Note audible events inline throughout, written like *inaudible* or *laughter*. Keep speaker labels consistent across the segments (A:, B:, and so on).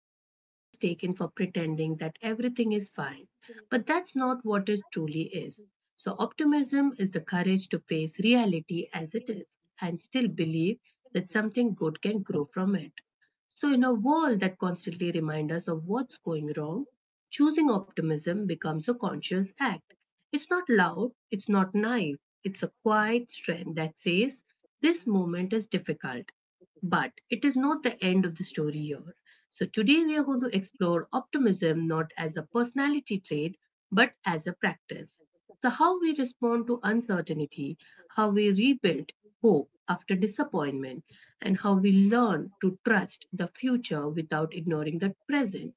A: is often mistaken for pretending that everything is fine, but that's not what it truly is. So, optimism is the courage to face reality as it is and still believe that something good can grow from it. So, in a world that constantly reminds us of what's going wrong, choosing optimism becomes a conscious act. It's not loud, it's not naive, it's a quiet strength that says, this moment is difficult but it is not the end of the story here. So, today we are going to explore optimism not as a personality trait but as a practice. So, how we respond to uncertainty, how we rebuild hope after disappointment, and how we learn to trust the future without ignoring the present.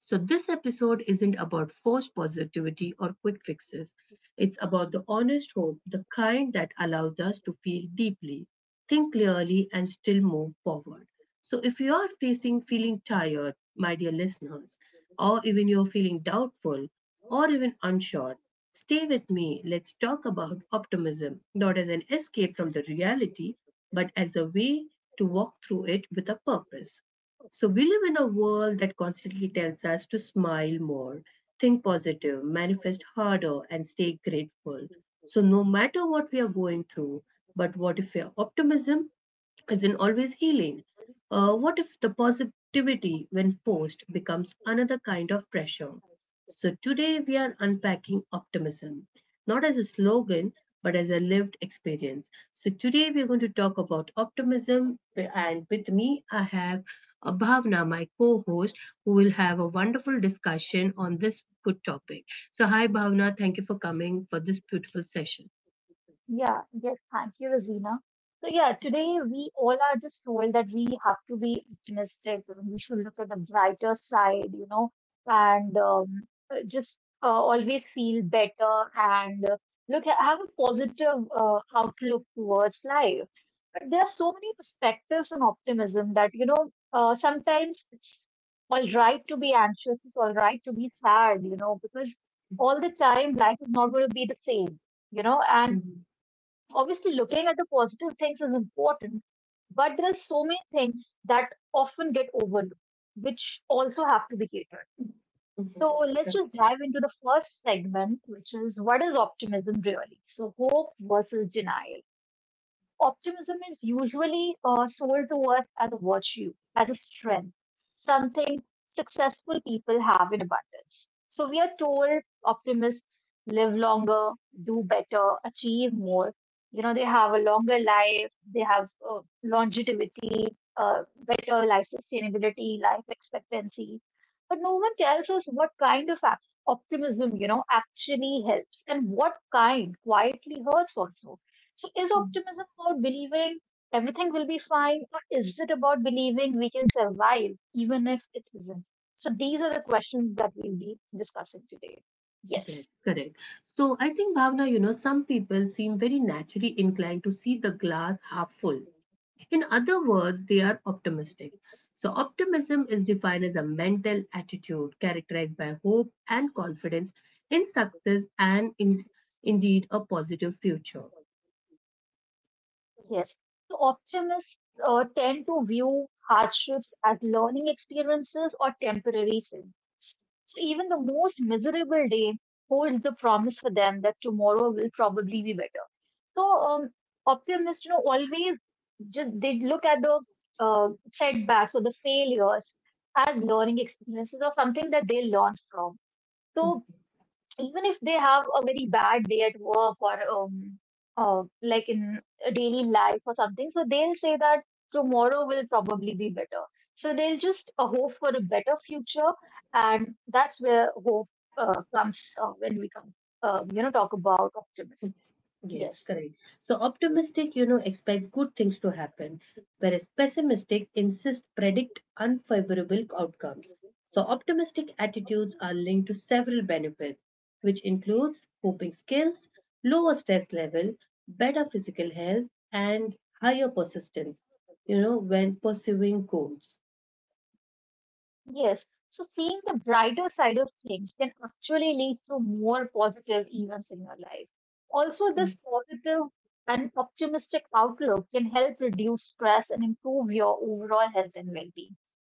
A: So, this episode isn't about forced positivity or quick fixes. It's about the honest hope, the kind that allows us to feel deeply, think clearly, and still move forward. So, if you are facing feeling tired, my dear listeners, or even you're feeling doubtful or even unsure, stay with me. Let's talk about optimism, not as an escape from the reality, but as a way to walk through it with a purpose. So we live in a world that constantly tells us to smile more, think positive, manifest harder, and stay grateful. So no matter what we are going through, but what if your optimism isn't always healing? What if the positivity, when forced, becomes another kind of pressure? So, today we are unpacking optimism, not as a slogan, but as a lived experience. So, today we are going to talk about optimism, and with me, I have Bhavna, my co host, who will have a wonderful discussion on this good topic. So, hi Bhavna, thank you for coming for this beautiful session.
B: Yeah, yes, thank you, Rosina. So, yeah, today we all are just told that we have to be optimistic and we should look at the brighter side, and just always feel better and look, have a positive outlook towards life. But there are so many perspectives on optimism that, sometimes it's all right to be anxious, it's all right to be sad, you know, because all the time life is not going to be the same you know and
A: Mhm.
B: Obviously, looking at the positive things is important, but there are so many things that often get overlooked, which also have to be catered. So
A: Mhm.
B: let's just dive into the first segment, which is, what is optimism really? So hope versus denial. Optimism is usually sold to us as a virtue, as a strength, something successful people have in abundance. So we are told optimists live longer, do better, achieve more. You know, they have a longer life, they have longevity, better life sustainability, life expectancy. But no one tells us what kind of optimism you know, actually helps and what kind quietly hurts also. So, is
A: Correct.
B: optimism about believing everything will be fine, or is it about believing we can survive even if it isn't? So, these are the questions that we'll be discussing today. Yes,
A: Yes, correct. So I think, Bhavna, you know, some people seem very naturally inclined to see the glass half full. In other words, they are optimistic. So, optimism is defined as a mental attitude characterized by hope and confidence in success and indeed a positive future.
B: yes. So, optimists tend to view hardships as learning experiences or temporary setbacks. So, even the most miserable day holds the promise for them that tomorrow will probably be better. So um, optimists you know, always just they look at the setbacks or the failures as learning experiences or something that they learn from. So even if they have a very bad day at work or like in a daily life or something, so they'll say that tomorrow will probably be better. So they'll just hope for a better future, and that's where hope comes when we come, you know, talk about optimism.
A: Yes,
B: Yes.
A: correct. So optimistic, you know, expects good things to happen, whereas pessimistic insists predict unfavorable outcomes. So optimistic attitudes are linked to several benefits, which includes coping skills, lower stress level, better physical health, and higher persistence, you know, when pursuing goals.
B: Yes. So seeing the brighter side of things can actually lead to more positive events in your life. Also,
A: Mhm.
B: this positive and optimistic outlook can help reduce stress and improve your overall health and well-being.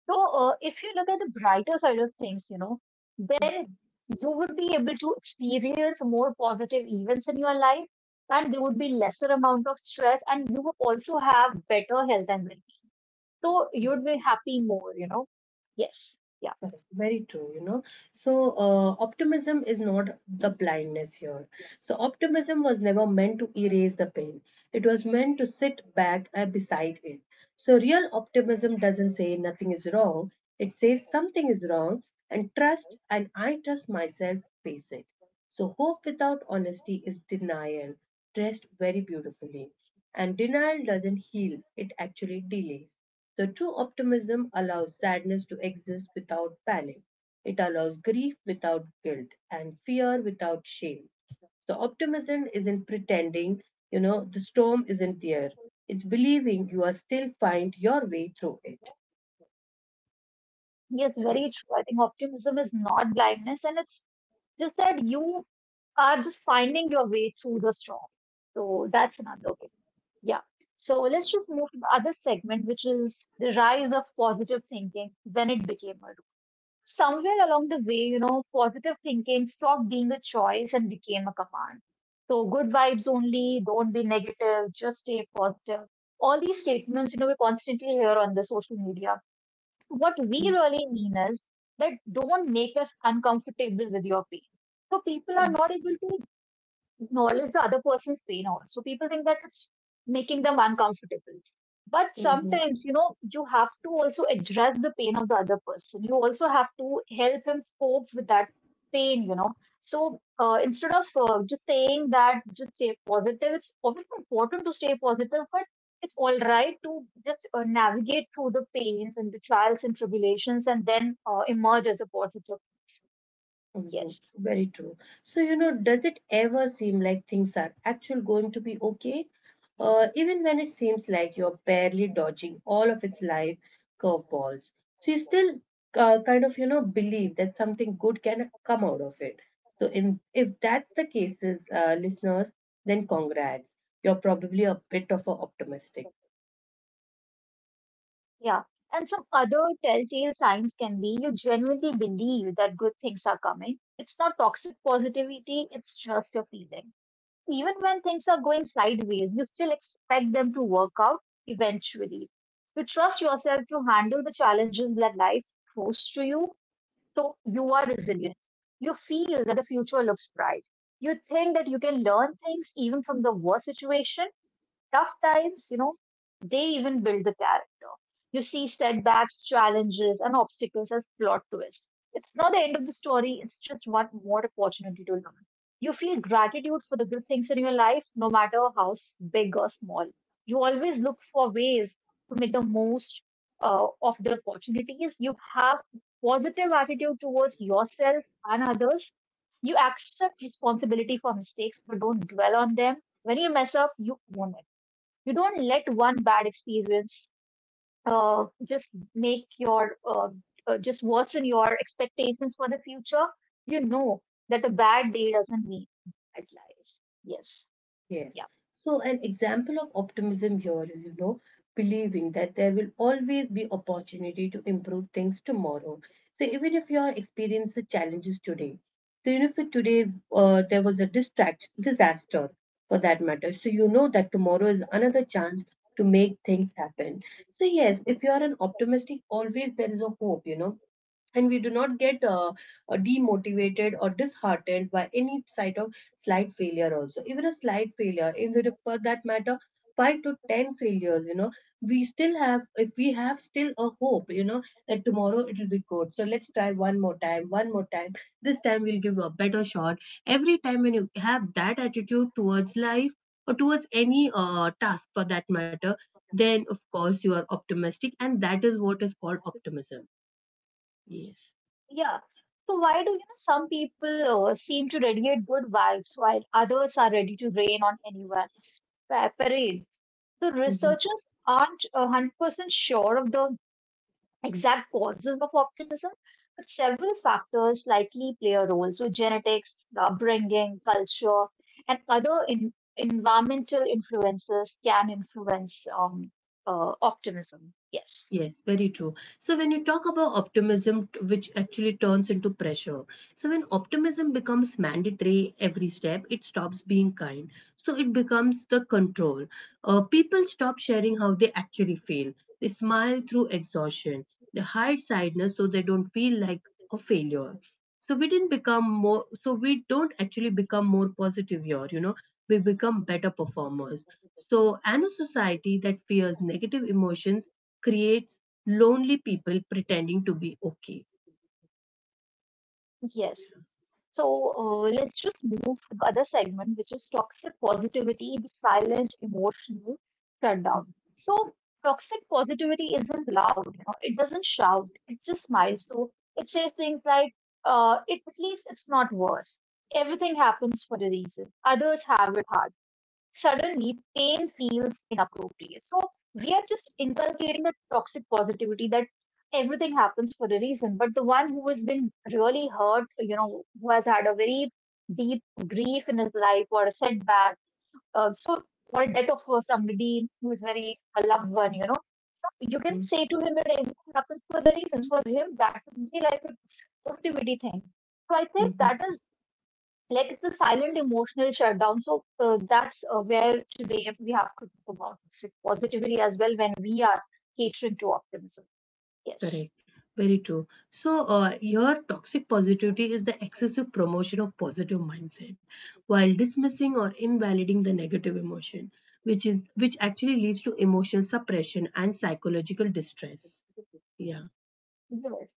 B: So, if you look at the brighter side of things, you know, then you would be able to experience more positive events in your life, and there would be lesser amount of stress, and you would also have better health and well-being. So you'd be happy more, you know? Yes. Yeah.
A: Correct. Very true, you know. So, optimism is not the blindness here. So, optimism was never meant to erase the pain. It was meant to sit back beside it. So, real optimism doesn't say nothing is wrong, it says something is wrong, and trust, and I trust myself, face it. So, hope without honesty is denial, dressed very beautifully. And denial doesn't heal, it actually delays. So, true optimism allows sadness to exist without panic. It allows grief without guilt and fear without shame. The optimism isn't pretending, you know, the storm isn't there. It's believing you are still find your way through it.
B: Yes,
A: Yes.
B: very true. I think optimism is not blindness, and it's just that you are just finding your way through the storm. So that's another way. Yeah. So let's just move to the other segment, which is the rise of positive thinking, when it became a rule. Somewhere along the way, you know, positive thinking stopped being a choice and became a command. So, good vibes only, don't be negative, just stay positive. All these statements, you know, we constantly hear on the social media. What we really mean is that, don't make us uncomfortable with your pain. So people are not able to acknowledge the other person's pain also. People think that it's making them uncomfortable. But
A: Mhm.
B: sometimes, you know, you have to also address the pain of the other person. You also have to help him cope with that pain, you know. So instead of just saying that just stay positive, it's obviously important to stay positive, but it's all right to just navigate through the pains and the trials and tribulations and then emerge as a positive person.
A: Mhm.
B: Yes.
A: Very true. So, you know, does it ever seem like things are actually going to be okay? Even when it seems like you're barely dodging all of its life curveballs. So you still kind of, you know, believe that something good can come out of it. So if that's the case, listeners, then congrats. You're probably a bit of a optimistic.
B: Yeah. And some other telltale signs can be, you genuinely believe that good things are coming. It's not toxic positivity, it's just your feeling. Even when things are going sideways, you still expect them to work out eventually. You trust yourself to handle the challenges that life throws to you, so you are resilient. You feel that the future looks bright. You think that you can learn things even from the worst situation, tough times, you know, they even build the character. You see setbacks, challenges, and obstacles as plot twists. It's not the end of the story, it's just one more opportunity to learn. You feel gratitude for the good things in your life, no matter how big or small. You always look for ways to make the most of the opportunities. You have positive attitude towards yourself and others. You accept responsibility for mistakes, but don't dwell on them. When you mess up, you own it. You don't let one bad experience uh, just make your uh, just worsen your expectations for the future. You know that a bad day doesn't mean bad life. Yes.
A: Yes.
B: Yeah.
A: So an example of optimism here is, you know, believing that there will always be opportunity to improve things tomorrow. So even if you are experiencing challenges today, so even if today there was a distract disaster for that matter, so you know that tomorrow is another chance to make things happen. So yes, if you are an optimistic, always there is a hope, you know, and we do not get demotivated or disheartened by any side of slight failure, also even a slight failure, even if for that matter 5 to 10 failures, you know, we still have, if we have still a hope, you know, that tomorrow it will be good. So let's try one more time. This time we'll give a better shot. Every time when you have that attitude towards life or towards any task for that matter, then of course you are optimistic and that is what is called optimism. Yes.
B: Yeah. So, why do you know some people seem to radiate good vibes while others are ready to rain on anyone's parade? The
A: Mhm.
B: researchers aren't 100% sure of the exact causes of optimism, but several factors likely play a role. So, genetics, the upbringing, culture, and other environmental influences can influence optimism. Yes,
A: Yes, very true. So when you talk about optimism, which actually turns into pressure, so when optimism becomes mandatory every step, it stops being kind. So it becomes the control. People stop sharing how they actually feel. They smile through exhaustion. They hide sadness so they don't feel like a failure. So we didn't become more. So we don't actually become more positive here. You know, we become better performers. So and a society that fears negative emotions creates lonely people pretending to be okay.
B: yes. So let's just move to the other segment, which is toxic positivity, the silent emotional shutdown. So toxic positivity isn't loud, you know, it doesn't shout, it just smiles. So it says things like, at least it's not worse. Everything happens for a reason. Others have it hard, suddenly pain feels inappropriate. So we are just inculcating a toxic positivity that everything happens for a reason. But the one who has been really hurt, you know, who has had a very deep grief in his life or a setback, uh, so or a death of somebody who is very a loved one, you know. So you can
A: Mhm,
B: say to him that everything happens for a reason. For him, that would be like a positivity thing. So I think that
A: mhm.
B: is like the silent emotional shutdown. So that's where today we have to talk about toxic positivity as well when we are catering to optimism. Yes.
A: Correct. Very true. So, your toxic positivity is the excessive promotion of positive mindset while dismissing or invalidating the negative emotion, which actually leads to emotional suppression and psychological distress. Yeah.
B: Yes.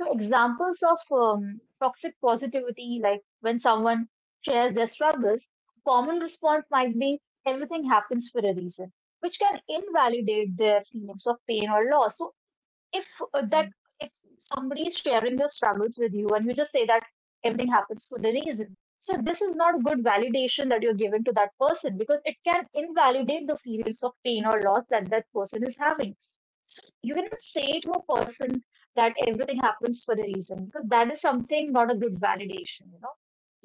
B: So examples of toxic positivity, like when someone shares their struggles, common response might be, everything happens for a reason, which can invalidate their feelings of pain or loss. So if uh, that if somebody is sharing your struggles with you and you just say that everything happens for a reason, so this is not good validation that you're giving to that person, because it can invalidate the feelings of pain or loss that person is having. So you cannot say to a person that everything happens for a reason, because that is something not a good validation, you know.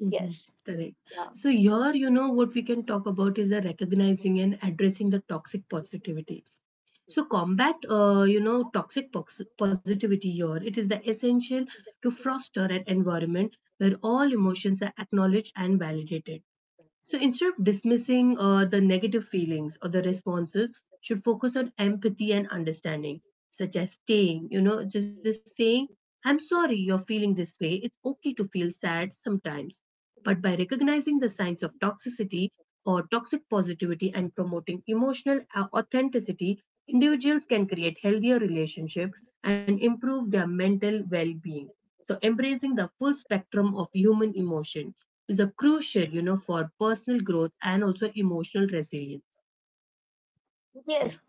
A: Mhm.
B: Yes.
A: Correct.
B: Yeah.
A: So here, you know, what we can talk about is the recognizing and addressing the toxic positivity. So combat, you know, positivity here. It is the essential to foster an environment where all emotions are acknowledged and validated. So instead of dismissing the negative feelings or the responses, should focus on empathy and understanding, such as staying, you know, just as saying, I'm sorry you're feeling this way. It's okay to feel sad sometimes. But by recognizing the signs of toxicity or toxic positivity and promoting authenticity, individuals can create healthier relationships and improve their mental well-being. So embracing the full spectrum of human emotion is a crucial, you know, for personal growth and also emotional resilience.
B: Yes.
A: Yeah.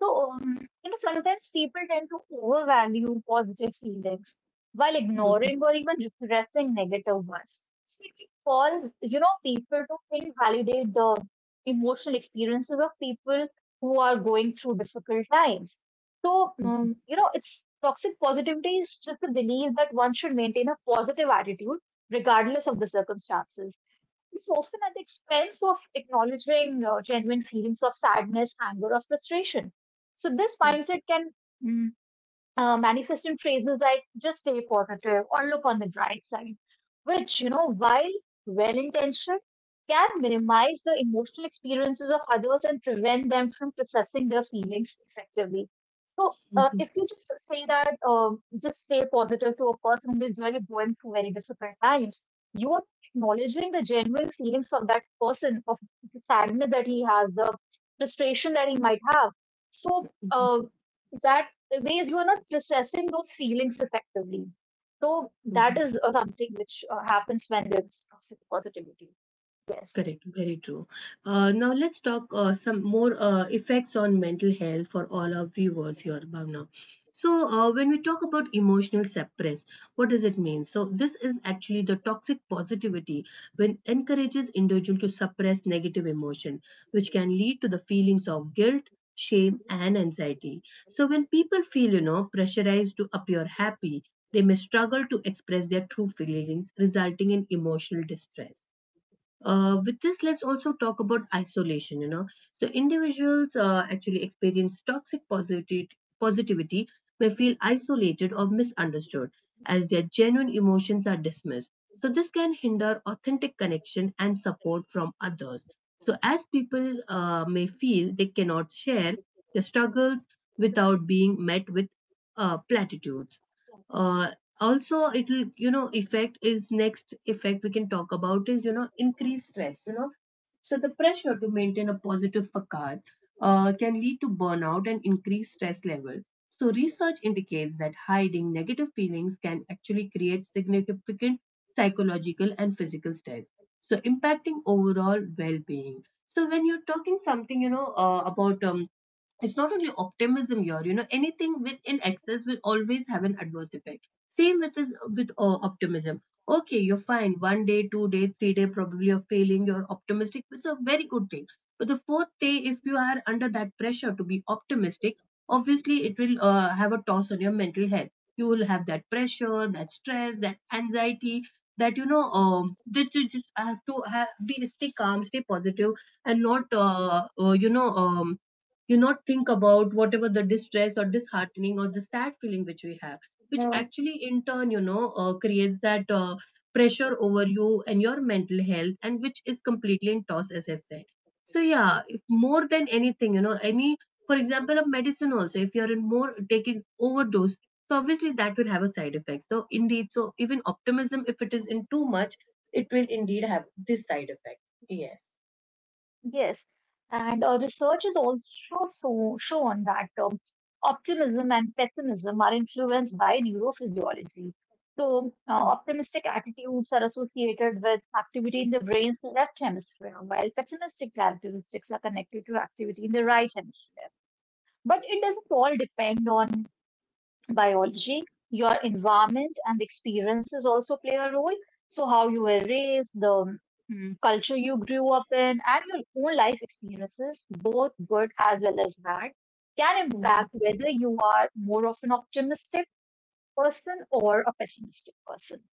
B: So, you know, sometimes people tend to overvalue positive feelings while ignoring or even repressing negative ones. So it calls you know, people to think, validate the emotional experiences of people who are going through difficult times. So, you know, it's, toxic positivity is just a belief that one should maintain a positive attitude regardless of the circumstances. It's often at the expense of acknowledging genuine feelings of sadness, anger, or frustration. So, this mindset can mm, manifest in phrases like just stay positive or look on the bright side, which, you know, while well intentioned, can minimize the emotional experiences of others and prevent them from processing their feelings effectively. So, if you just say that, just stay positive to a person who is really going through very difficult times, you are acknowledging the genuine feelings of that person, of the sadness that he has, the frustration that he might have. So, that ways you are not processing those feelings effectively. So that
A: *laughs*
B: is something which happens when there is toxic positivity. Yes,
A: Correct, very true. Now let's talk some more effects on mental health for all our viewers here, Bhavna. So when we talk about emotional suppress, what does it mean? So this is actually the toxic positivity when encourages individual to suppress negative emotion, which can lead to the feelings of guilt, shame, and anxiety. So when people feel, you know, pressurized to appear happy, they may struggle to express their true feelings, resulting in emotional distress. With this, let's also talk about isolation. You know, so individuals actually experience toxic positivity, positivity may feel isolated or misunderstood as their genuine emotions are dismissed. So this can hinder authentic connection and support from others. So as people may feel they cannot share their struggles without being met with platitudes. Uh, Also it will, you know, effect is, next effect we can talk about is, you know, increased stress, you know. So the pressure to maintain a positive facade can lead to burnout and increased stress level. So research indicates that hiding negative feelings can actually create significant psychological and physical stress, so impacting overall well-being. So when you're talking something, you know, about it's not only optimism here, you know, anything with in excess will always have an adverse effect. Same with this, with optimism. Okay, you're fine one day 2 day 3 day, probably you're failing, you're optimistic, which is a very good thing, but the fourth day if you are under that pressure to be optimistic, obviously it will have a toss on your mental health. You will have that pressure, that stress, that anxiety, that, you know, that you just have to have, be, stay calm, stay positive, and not you know, you not think about whatever the distress or disheartening or the sad feeling which we have, which actually in turn, you know, creates that pressure over you and your mental health, and which is completely in toss, as I said. So yeah, if more than anything, you know, any, for example, of medicine also, if you're in more taking overdose, so obviously that will have a side effect, so indeed. So even optimism, if it is in too much, it will indeed have this side effect. Yes.
B: yes. And research has also so shown that optimism and pessimism are influenced by neurophysiology. So optimistic attitudes are associated with activity in the brain's left hemisphere, while pessimistic characteristics are connected to activity in the right hemisphere. But it doesn't all depend on biology, your environment and experiences also play a role. So, how you were raised, the culture you grew up in, and your own life experiences, both good as well as bad, can
A: Mm-hmm.
B: impact whether you are more of an optimistic person or a pessimistic person.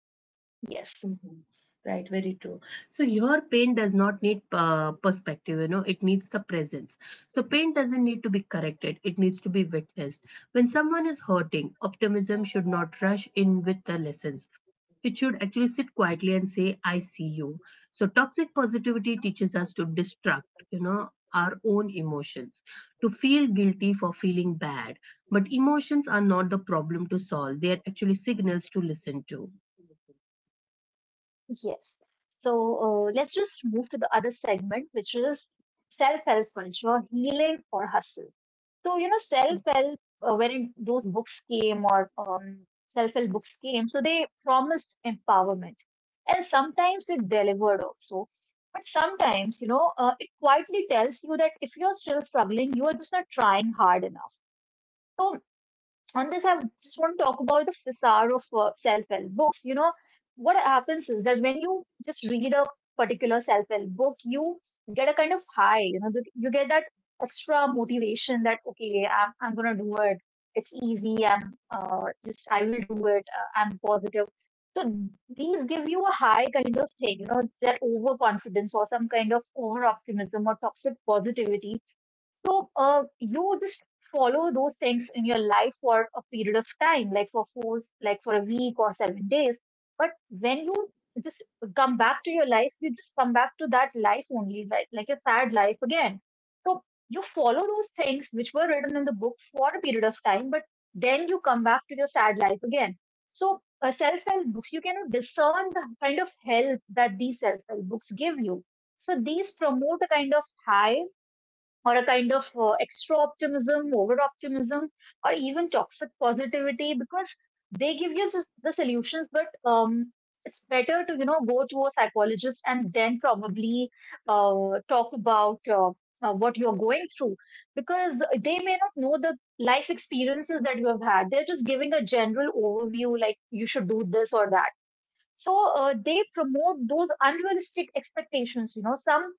B: Yes,
A: Mhm. Right, very true. So your paint does not need perspective, you know, it needs the presence. So paint doesn't need to be corrected, it needs to be witnessed. When someone is hurting, optimism should not rush in with the lessons. It should actually sit quietly and say, I see you. So toxic positivity teaches us to destruct, you know, our own emotions, to feel guilty for feeling bad. But emotions are not the problem to solve, they are actually signals to listen to.
B: yes. So, let's just move to the other segment, which is self help culture, healing or hustle. So, you know, self wherein those books came, or self-help books came. So they promised empowerment. And sometimes it delivered also. But sometimes, you know, it quietly tells you that if you're still struggling, you are just not trying hard enough. So on this, I just want to talk about the facade of self-help books. You know, what happens is that when you just read a particular self-help book, you get a kind of high. You know, you get that extra motivation that okay, I'm gonna do it. It's easy. I'm just I will do it. I'm positive. So these give you a high kind of thing, you know, that overconfidence or some kind of over optimism or toxic positivity. So you just follow those things in your life for a period of time, like for four, like for a week or 7 days. But when you just come back to your life, you just come back to that life only, like a sad life again. So you follow those things which were written in the book for a period of time, but then you come back to your sad life again. So, self help books, you cannot discern the kind of help that these self help books give you. So, these promote a kind of high or a kind of extra optimism, over optimism, or even toxic positivity because they give you the solutions. But it's better to, you know, go to a psychologist and then probably talk about what you're going through, because they may not know the life experiences that you have had. They're just giving a general overview like you should do this or that. So they promote those unrealistic expectations. You know, some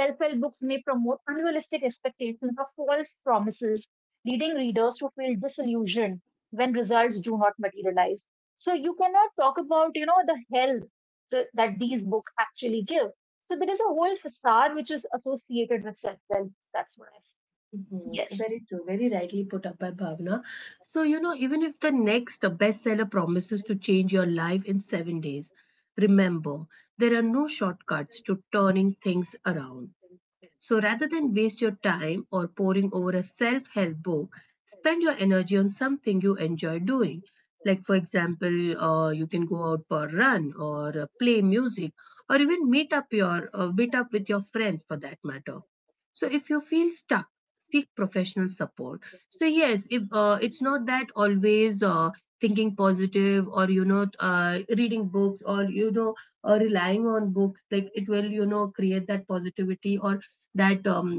B: self help books may promote unrealistic expectations or false promises, leading readers to feel disillusioned when results do not materialize. So you cannot talk about, you know, the help that these books actually give. So there is a whole facade which is associated with self help. That's why.
A: Mhm.
B: Yes,
A: Very true, very rightly put up by Bhavna. So, you know, even if the next bestseller promises to change your life in 7 days, remember there are no shortcuts to turning things around. So, rather than waste your time or poring over a self help book, spend your energy on something you enjoy doing. Like, for example, you can go out for a run or play music or even meet up with your friends for that matter. So if you feel stuck, seek professional support. So yes, if it's not that always thinking positive or you know reading books or you know relying on books, like it will, you know, create that positivity or that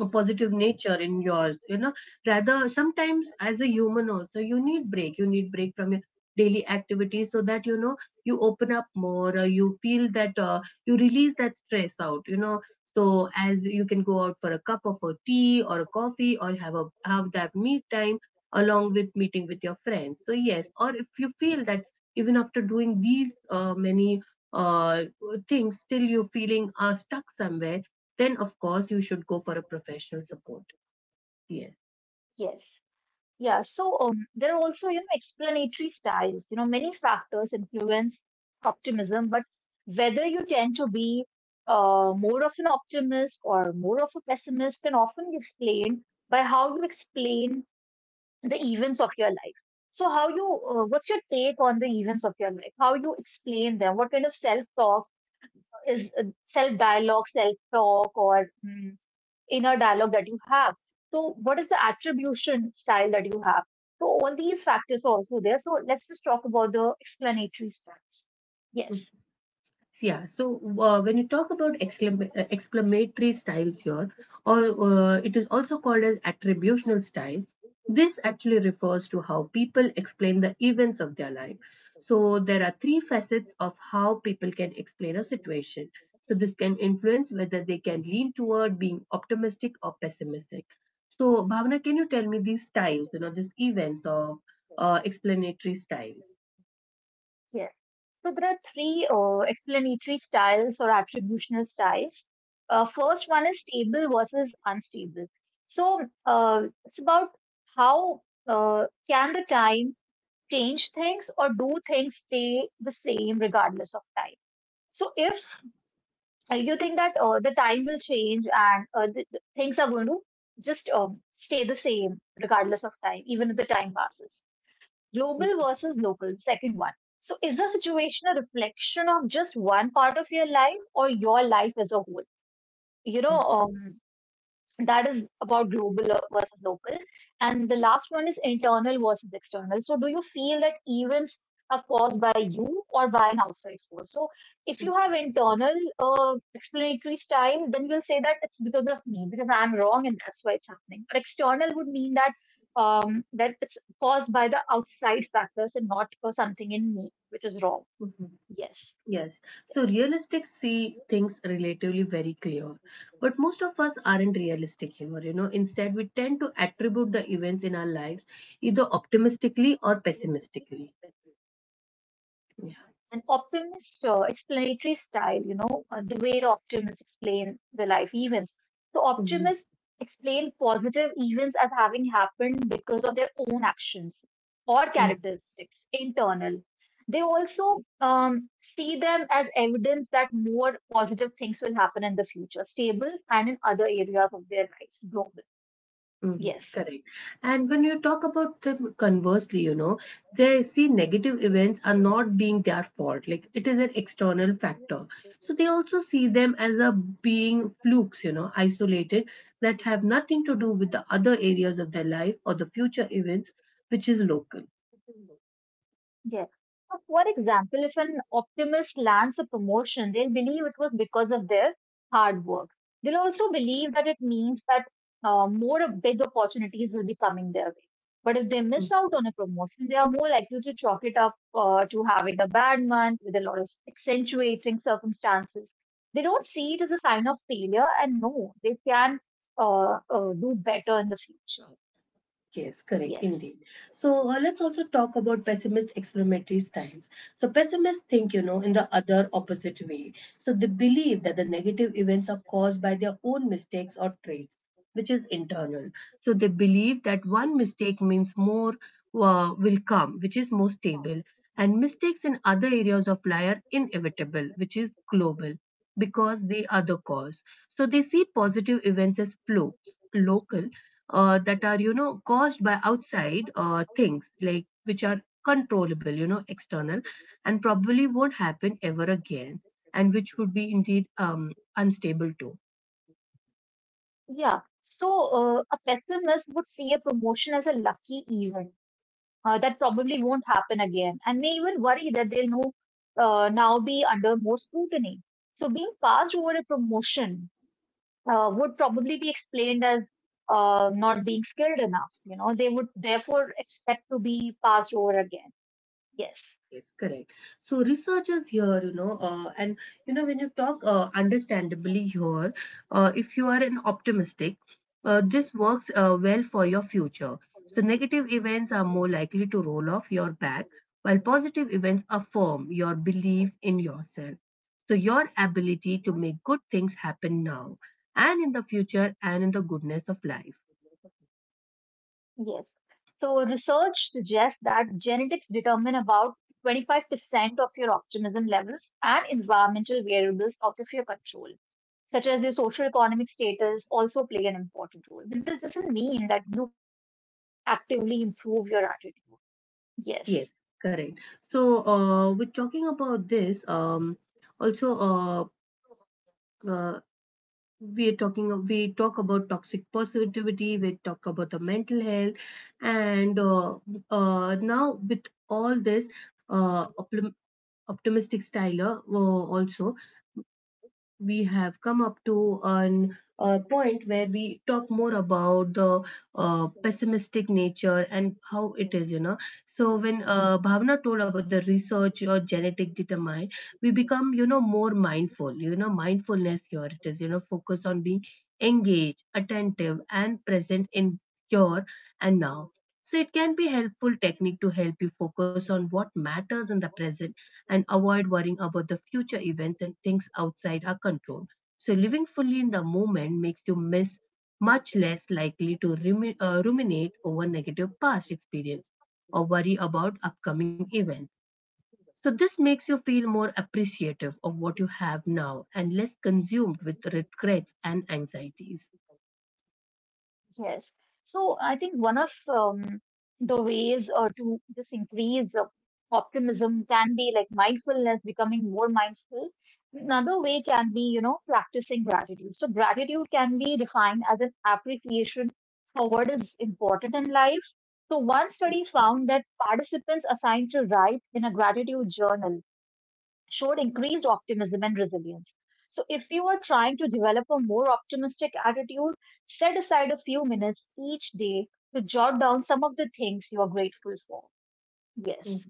A: a positive nature in yours, you know. Rather, sometimes as a human also, you need break, you need break from your daily activities, so that you know you open up more or you feel that you release that stress out, you know. So as you can go out for a cup of a tea or a coffee, or have a have that meet time along with meeting with your friends. So yes, or if you feel that even after doing these many uh, things, still you're feeling stuck somewhere, then of course you should go for a professional support. Yes.
B: yes. Yeah, so there are also, you know, explanatory styles. You know, many factors influence optimism, but whether you tend to be more of an optimist or more of a pessimist can often be explained by how you explain the events of your life. So, how you, what's your take on the events of your life? How you explain them? What kind of self-talk is self-dialogue, self-talk, or inner dialogue that you have. So, what is the attribution style that you have? So, all these factors are also there. So, let's just talk about the explanatory styles. Yes,
A: Yeah, so when you talk about exclamatory styles here, or it is also called as attributional style. This actually refers to how people explain the events of their life. So there are three facets of how people can explain a situation. So this can influence whether they can lean toward being optimistic or pessimistic. So Bhavana, can you tell me these styles, you know, these events of explanatory styles?
B: yes. So, there are three explanatory styles or attributional styles. First one is stable versus unstable. So, it's about how can the time change things or do things stay the same regardless of time? So, if you think that the time will change and the things are going to just stay the same regardless of time, even if the time passes. Global versus local, second one. So, is the situation a reflection of just one part of your life or your life as a whole? You know, that is about global versus local, and the last one is internal versus external. So do you feel that events are caused by you or by an outside force? So if you have internal explanatory style, then you'll say that it's because of me, because I'm wrong and that's why it's happening. But external would mean that that it's caused by the outside factors and not something in me which is wrong.
A: Mhm.
B: Yes.
A: Yes, so realistic see things relatively very clear. But most of us aren't realistic here, you know. Instead, we tend to attribute the events in our lives either optimistically or pessimistically. Yeah.
B: An optimist explanatory style, you know, the way the optimists explain the life events. So optimists explain positive events as having happened because of their own actions or
A: Mhm.
B: characteristics, internal. They also see them as evidence that more positive things will happen in the future, stable, and in other areas of their lives, global.
A: Mhm,
B: Yes.
A: correct. And when you talk about them conversely, you know, they see negative events are not being their fault. Like it is an external factor. So they also see them as a being flukes, you know, isolated, that have nothing to do with the other areas of their life or the future events, which is local.
B: Yes. So for example, if an optimist lands a promotion, they'll believe it was because of their hard work. They'll also believe that it means that more of big opportunities will be coming their way. But if they miss out on a promotion, they are more likely to chalk it up to having a bad month with a lot of accentuating circumstances. They don't see it as a sign of failure, and no, they can do better in the future.
A: Yes, correct,
B: Yes.
A: indeed. So let's also talk about pessimist explanatory styles. So pessimists think, you know, in the other opposite way. So they believe that the negative events are caused by their own mistakes or traits, which is internal. So they believe that one mistake means more will come, which is more stable, and mistakes in other areas of life are inevitable, which is global, because they are the cause. So they see positive events as flow, local, that are, you know, caused by outside things, like which are controllable, you know, external, and probably won't happen ever again, and which would be indeed unstable too.
B: Yeah. So a pessimist would see a promotion as a lucky event that probably won't happen again, and may even worry that they'll no, now be under more scrutiny. So being passed over a promotion would probably be explained as not being skilled enough. You know, they would therefore expect to be passed over again. Yes.
A: Yes, correct. So researchers here, you know, and you know when you talk understandably here, if you are an optimistic, this works well for your future. So negative events are more likely to roll off your back, while positive events affirm your belief in yourself. So your ability to make good things happen now and in the future and in the goodness of life.
B: Yes. So research suggests that genetics determine about 25% of your optimism levels, and environmental variables out of your control, such as your social economic status, also play an important role. But this doesn't mean that you cannot actively improve your attitude. Yes.
A: Yes, correct. So with talking about this, also uh, we talk about toxic positivity, we talk about the mental health, and now with all this uh, optim- optimistic style, also we have come up to an a point where we talk more about the pessimistic nature and how it is, you know. So when Bhavna told about the research or genetic determine, we become, you know, more mindful. You know, mindfulness here, it is, you know, focus on being engaged, attentive and present in here and now. So it can be helpful technique to help you focus on what matters in the present and avoid worrying about the future events and things outside our control. So, living fully in the moment makes you miss much less likely to ruminate over negative past experience or worry about upcoming events. So, this makes you feel more appreciative of what you have now and less consumed with regrets and anxieties.
B: Yes. So I think one of the ways to just increase optimism can be like mindfulness, becoming more mindful. Another way can be, you know, practicing gratitude. So gratitude can be defined as an appreciation for what is important in life. So one study found that participants assigned to write in a gratitude journal showed increased optimism and resilience. So, if you are trying to develop a more optimistic attitude, set aside a few minutes each day to jot down some of the things you are grateful for. Yes,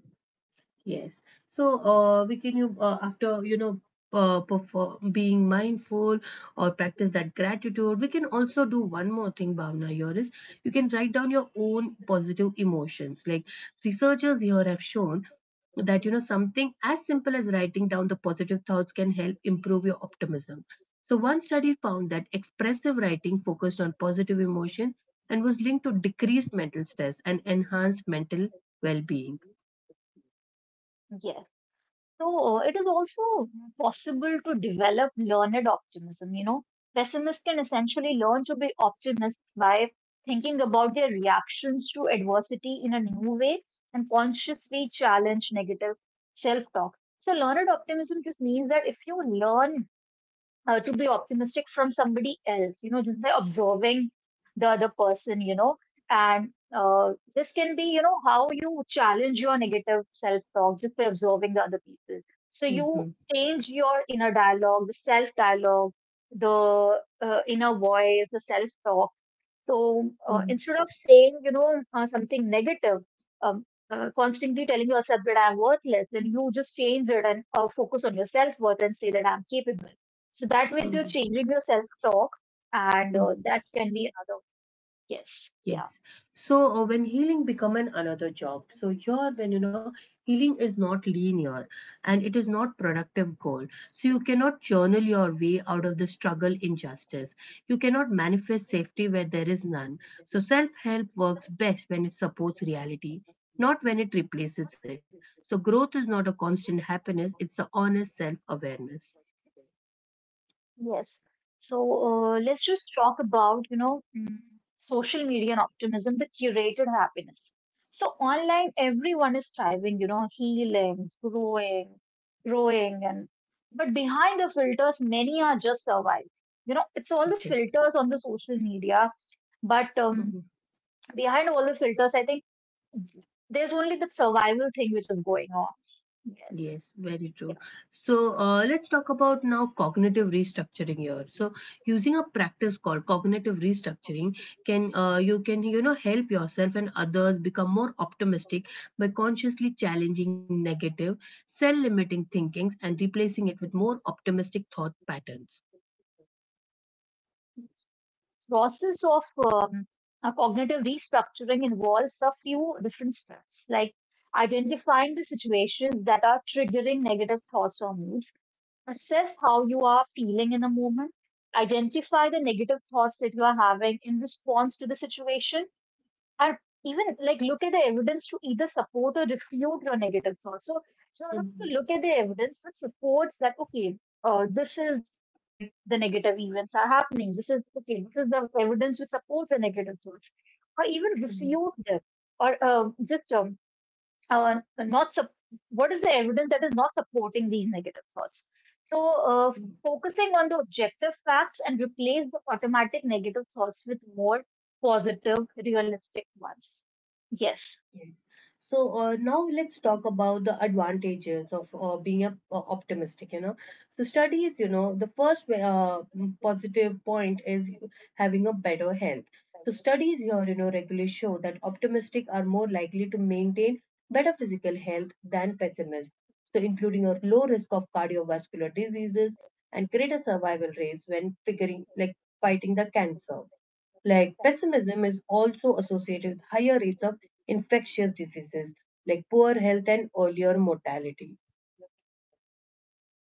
A: Yes. So, we can you after you know perform being mindful or practice that gratitude, we can also do one more thing, Bhavna. Here is you can write down your own positive emotions. Like researchers here have shown that, you know, something as simple as writing down the positive thoughts can help improve your optimism. So, one study found that expressive writing focused on positive emotion and was linked to decreased mental stress and enhanced mental well-being.
B: yes. So, it is also possible to develop learned optimism. You know, pessimists can essentially learn to be optimists by thinking about their reactions to adversity in a new way and consciously challenge negative self talk. So, learned optimism just means that if you learn to be optimistic from somebody else, you know, just by observing the other person, you know, and this can be, you know, how you challenge your negative self talk just by observing the other people. So, you
A: Mhm.
B: change your inner dialogue, the self dialogue, the inner voice, the self talk. So
A: Mhm.
B: instead of saying, you know, something negative, um, constantly telling yourself that I'm worthless, then you just change it and focus on your self worth and say that I'm capable. So that way, you're
A: Mhm,
B: changing your self talk, and
A: mhm.
B: that can be another. Yes, yeah.
A: Yes. So when healing become an another job, so here when you know healing is not linear and it is not productive goal. So you cannot journal your way out of the struggle injustice. You cannot manifest safety where there is none. So self-help works best when it supports reality, not when it replaces it. So growth is not a constant happiness, it's a honest self-awareness.
B: Yes. So let's just talk about, you know, social media and optimism, the curated happiness. So online, everyone is striving, you know, healing, growing, and but behind the filters, many are just surviving. You know, it's all the
A: Yes.
B: filters on the social media, but
A: Mm-hmm.
B: behind all the filters, I think there's only the survival thing which is going on. Yes.
A: Yes, very true.
B: You
A: So let's talk about now cognitive restructuring here. So using a practice called cognitive restructuring can, you can, you know, help yourself and others become more optimistic by consciously challenging negative, self-limiting thinkings and replacing it with more optimistic thought patterns.
B: know. Process of a cognitive restructuring involves a few different steps, like identifying the situations that are triggering negative thoughts or moods, assess how you are feeling in a moment, identify the negative thoughts that you are having in response to the situation, and even like look at the evidence to either support or refute your negative thoughts. So, so you have to
A: Mhm.
B: look at the evidence which supports that, okay, this is why the negative events are happening. This is, okay, this is the evidence which supports the negative thoughts. Or even refute them. Or just not sup- what is the evidence that is not supporting these negative thoughts. So uh,
A: Mhm.
B: focusing on the objective facts and replace the automatic negative thoughts with more positive realistic ones. Yes.
A: Yes. So now let's talk about the advantages of being a, optimistic. You know, so studies. You know, the first positive point is having a better health. So studies here, you know, regularly show that optimistic are more likely to maintain better physical health than pessimists. So including a low risk of cardiovascular diseases and greater survival rates when figuring like fighting the cancer. Like pessimism is also associated with higher rates of infectious diseases, like poor health and earlier mortality.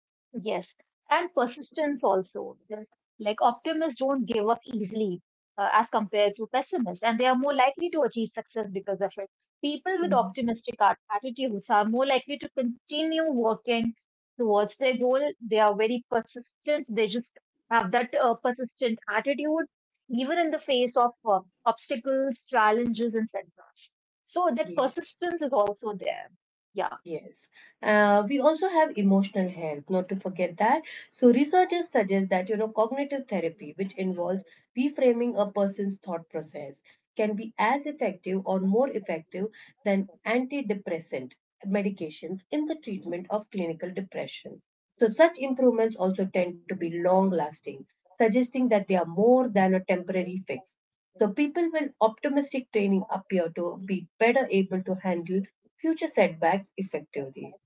B: Yes, and persistence also, because like optimists don't give up easily as compared to pessimists, and they are more likely to achieve success because of it. People with
A: Mhm.
B: optimistic attitudes are more likely to continue working towards their goal. They are very persistent. They just have that persistent attitude, even in the face of obstacles, challenges, and setbacks. So that
A: Yes.
B: persistence is also there. Yeah.
A: Yes. We also have emotional health, not to forget that. So researchers suggest that, you know, cognitive therapy, which involves reframing a person's thought process, can be as effective or more effective than antidepressant medications in the treatment of clinical depression. So such improvements also tend to be long lasting, suggesting that they are more than a temporary fix. So people with optimistic training appear to be better able to handle future setbacks effectively.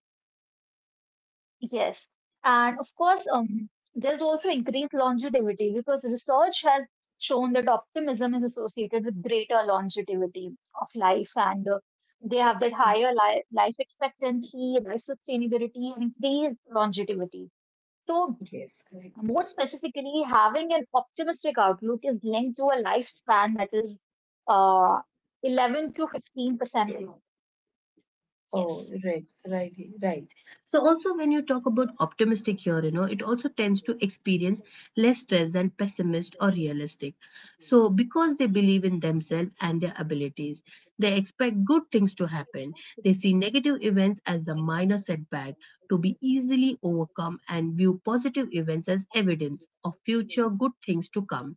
B: Yes. And of course, there's also increased longevity because research has shown that optimism is associated with greater longevity of life, and they have that higher life expectancy, life sustainability, and increased longevity. So,
A: Yes.
B: more specifically, having an optimistic outlook is linked to a lifespan that is uh, 11 to 15% long.
A: Oh,
B: Yes.
A: right, right, right. So also when you talk about optimistic here, you know, it also tends to experience less stress than pessimist or realistic. So because they believe in themselves and their abilities, they expect good things to happen. They see negative events as the minor setback to be easily overcome and view positive events as evidence of future good things to come.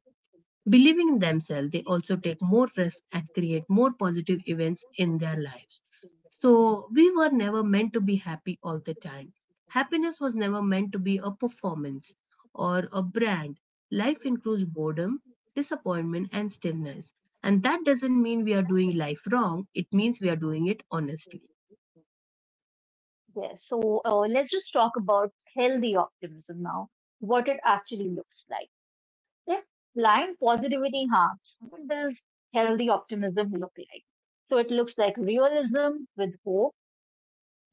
A: Believing in themselves, they also take more risks and create more positive events in their lives. So, we were never meant to be happy all the time. Happiness was never meant to be a performance or a brand. Life includes boredom, disappointment, and stillness. And that doesn't mean we are doing life wrong, it means we are doing it honestly.
B: Yes. So let's just talk about healthy optimism now, what it actually looks like. If blind positivity harms, what does healthy optimism look like? So it looks like realism with hope,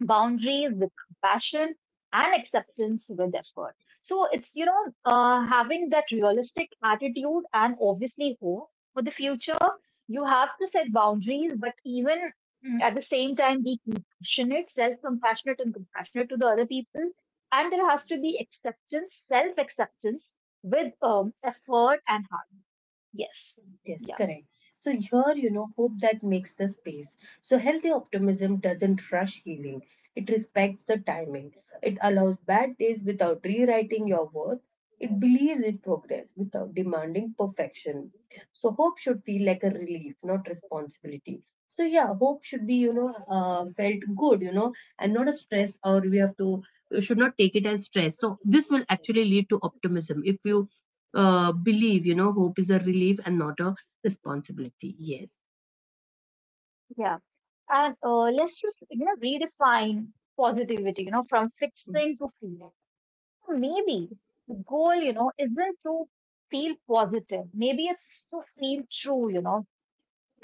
B: boundaries with compassion, and acceptance with effort. So it's, you know, having that realistic attitude and obviously hope for the future. You have to set boundaries, but even at the same time, be compassionate, self compassionate, and compassionate to the other people. And there has to be acceptance, self acceptance with effort and hard work. Yes.
A: Yes,
B: Yeah.
A: correct. So here, you know, hope that makes the space. So healthy optimism doesn't rush healing. It respects the timing. It allows bad days without rewriting your worth. It believes in progress without demanding perfection. So hope should feel like a relief, not responsibility. So yeah, hope should be, you know, felt good, you know, and not a stress or we have to, you should not take it as stress. So this will actually lead to optimism if you believe, you know, hope is a relief and not a responsibility. Yes.
B: Yeah. And let's just, you know, redefine positivity, you know, from fixing to feeling. Maybe the goal, you know, isn't to feel positive. Maybe it's to feel true, you know.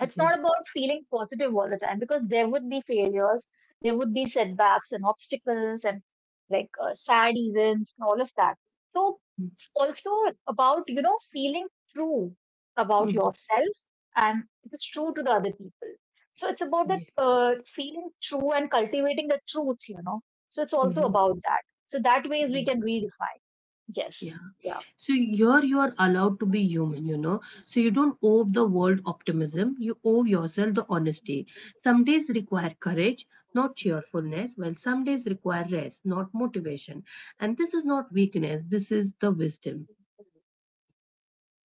B: It's
A: Mhm.
B: not about feeling positive all the time because there would be failures, there would be setbacks and obstacles and like sad events and all of that. So it's also about, you know, feeling true about
A: Mhm.
B: yourself and it is true to the other people. So it's about
A: Yeah.
B: that feeling true and cultivating the truth, you know. So it's also
A: Mhm.
B: about that. So that way we
A: Yeah.
B: can redefine. Yes.
A: Yeah.
B: Yeah.
A: So here you are allowed to be human, you know. So you don't owe the world optimism. You owe yourself the honesty. Some days require courage, not cheerfulness, while some days require rest, not motivation. And this is not weakness. This is the wisdom.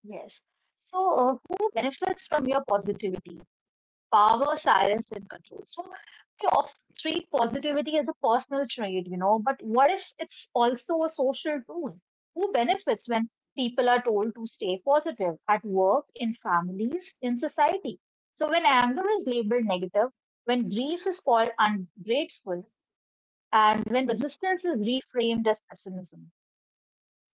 B: Yes. So, who benefits from your positivity? Power, silence, and control. So, of treat positivity as a personal trait, you know, but what if it's also a social tool? Who benefits when people are told to stay positive at work, in families, in society? So when anger is labeled negative, when grief is called ungrateful, and when resistance is reframed as pessimism.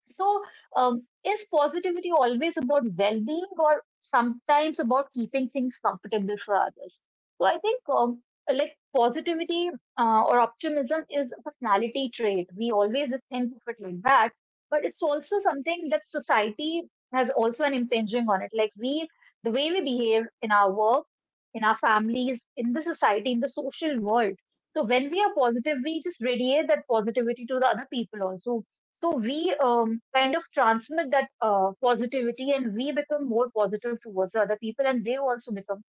B: So, is positivity always about well being, or sometimes about keeping things comfortable for others? So, I think like positivity or optimism is a personality trait. We always think of it like that, but it's also something that society has also an impinging on it. Like, we, the way we behave in our work, in our families, in the society, in the social world. So, when we are positive, we just radiate that positivity to the other people also. So we kind of transmit that positivity and we become more positive towards the other people, and they also become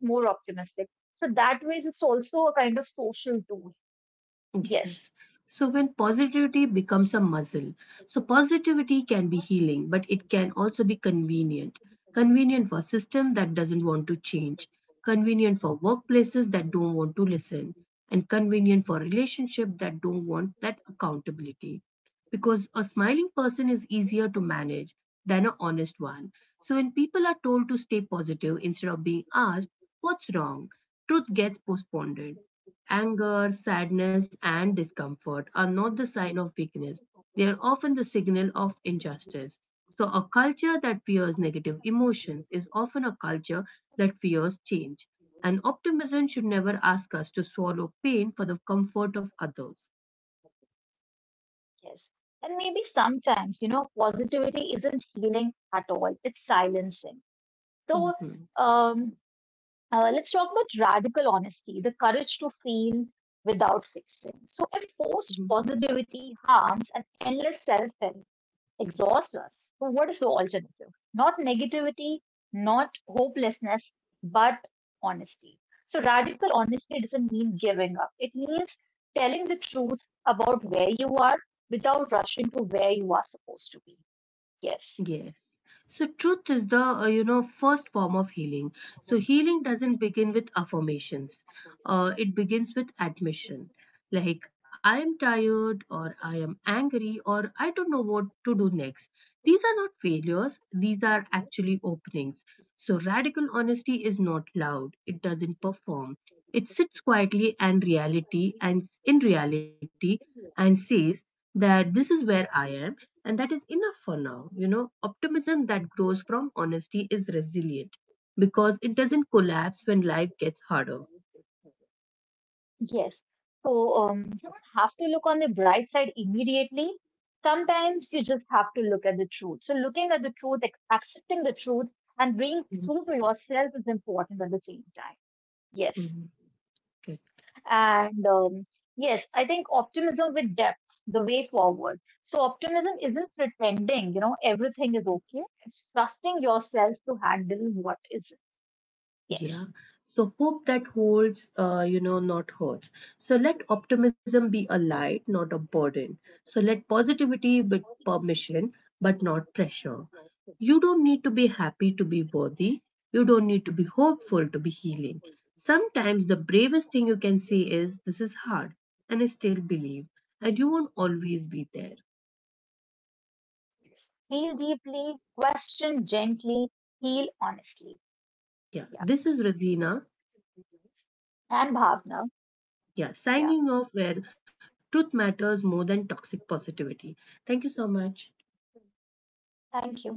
B: more optimistic. So that way, it's also a kind of social tool. Yes,
A: Yes. So when positivity becomes a muscle, so positivity can be healing, but it can also be convenient. Convenient for system that doesn't want to change, convenient for workplaces that don't want to listen, and convenient for relationship that don't want that accountability. Because a smiling person is easier to manage than an honest one. So when people are told to stay positive instead of being asked, what's wrong? Truth gets postponed. Anger, sadness, and discomfort are not the sign of weakness. They are often the signal of injustice. So, a culture that fears negative emotions is often a culture that fears change. And optimism should never ask us to swallow pain for the comfort of others.
B: yes. And maybe sometimes, you know, positivity isn't healing at all, it's silencing. So
A: Mhm.
B: um, let's talk about radical honesty, the courage to feel without fixing. So if forced positivity harms and endless self help exhausts us. So, what is the alternative? Not negativity, not hopelessness, but honesty. So, radical honesty doesn't mean giving up, it means telling the truth about where you are without rushing to where you are supposed to be. Yes,
A: Yes. So truth is the, you know, first form of healing. So healing doesn't begin with affirmations. It begins with admission. Like I am tired or I am angry or I don't know what to do next. These are not failures. These are actually openings. So radical honesty is not loud. It doesn't perform. It sits quietly and reality and says that this is where I am and that is enough for now. You know, optimism that grows from honesty is resilient because it doesn't collapse when life gets harder.
B: yes. So, you don't have to look on the bright side immediately. Sometimes you just have to look at the truth. So, looking at the truth, accepting the truth, and being
A: Mhm,
B: true to yourself is important at the same time. Yes.
A: mhm. Good.
B: And yes, I think optimism with depth, the way forward. So optimism isn't pretending, you know, everything is okay. It's trusting yourself to handle what is. Yes.
A: Yeah. So hope that holds, you know, not hurts. So let optimism be a light, not a burden. So let positivity be permission, but not pressure. You don't need to be happy to be worthy. You don't need to be hopeful to be healing. Sometimes the bravest thing you can say is, "This is hard, and I still believe." And you won't always be there.
B: Feel deeply, question gently, heal honestly.
A: Yeah.
B: Yeah.
A: This is Rosina.
B: And Bhavna.
A: Yeah.
B: Yeah.
A: Signing off where truth matters more than toxic positivity. Thank you so much.
B: Thank you.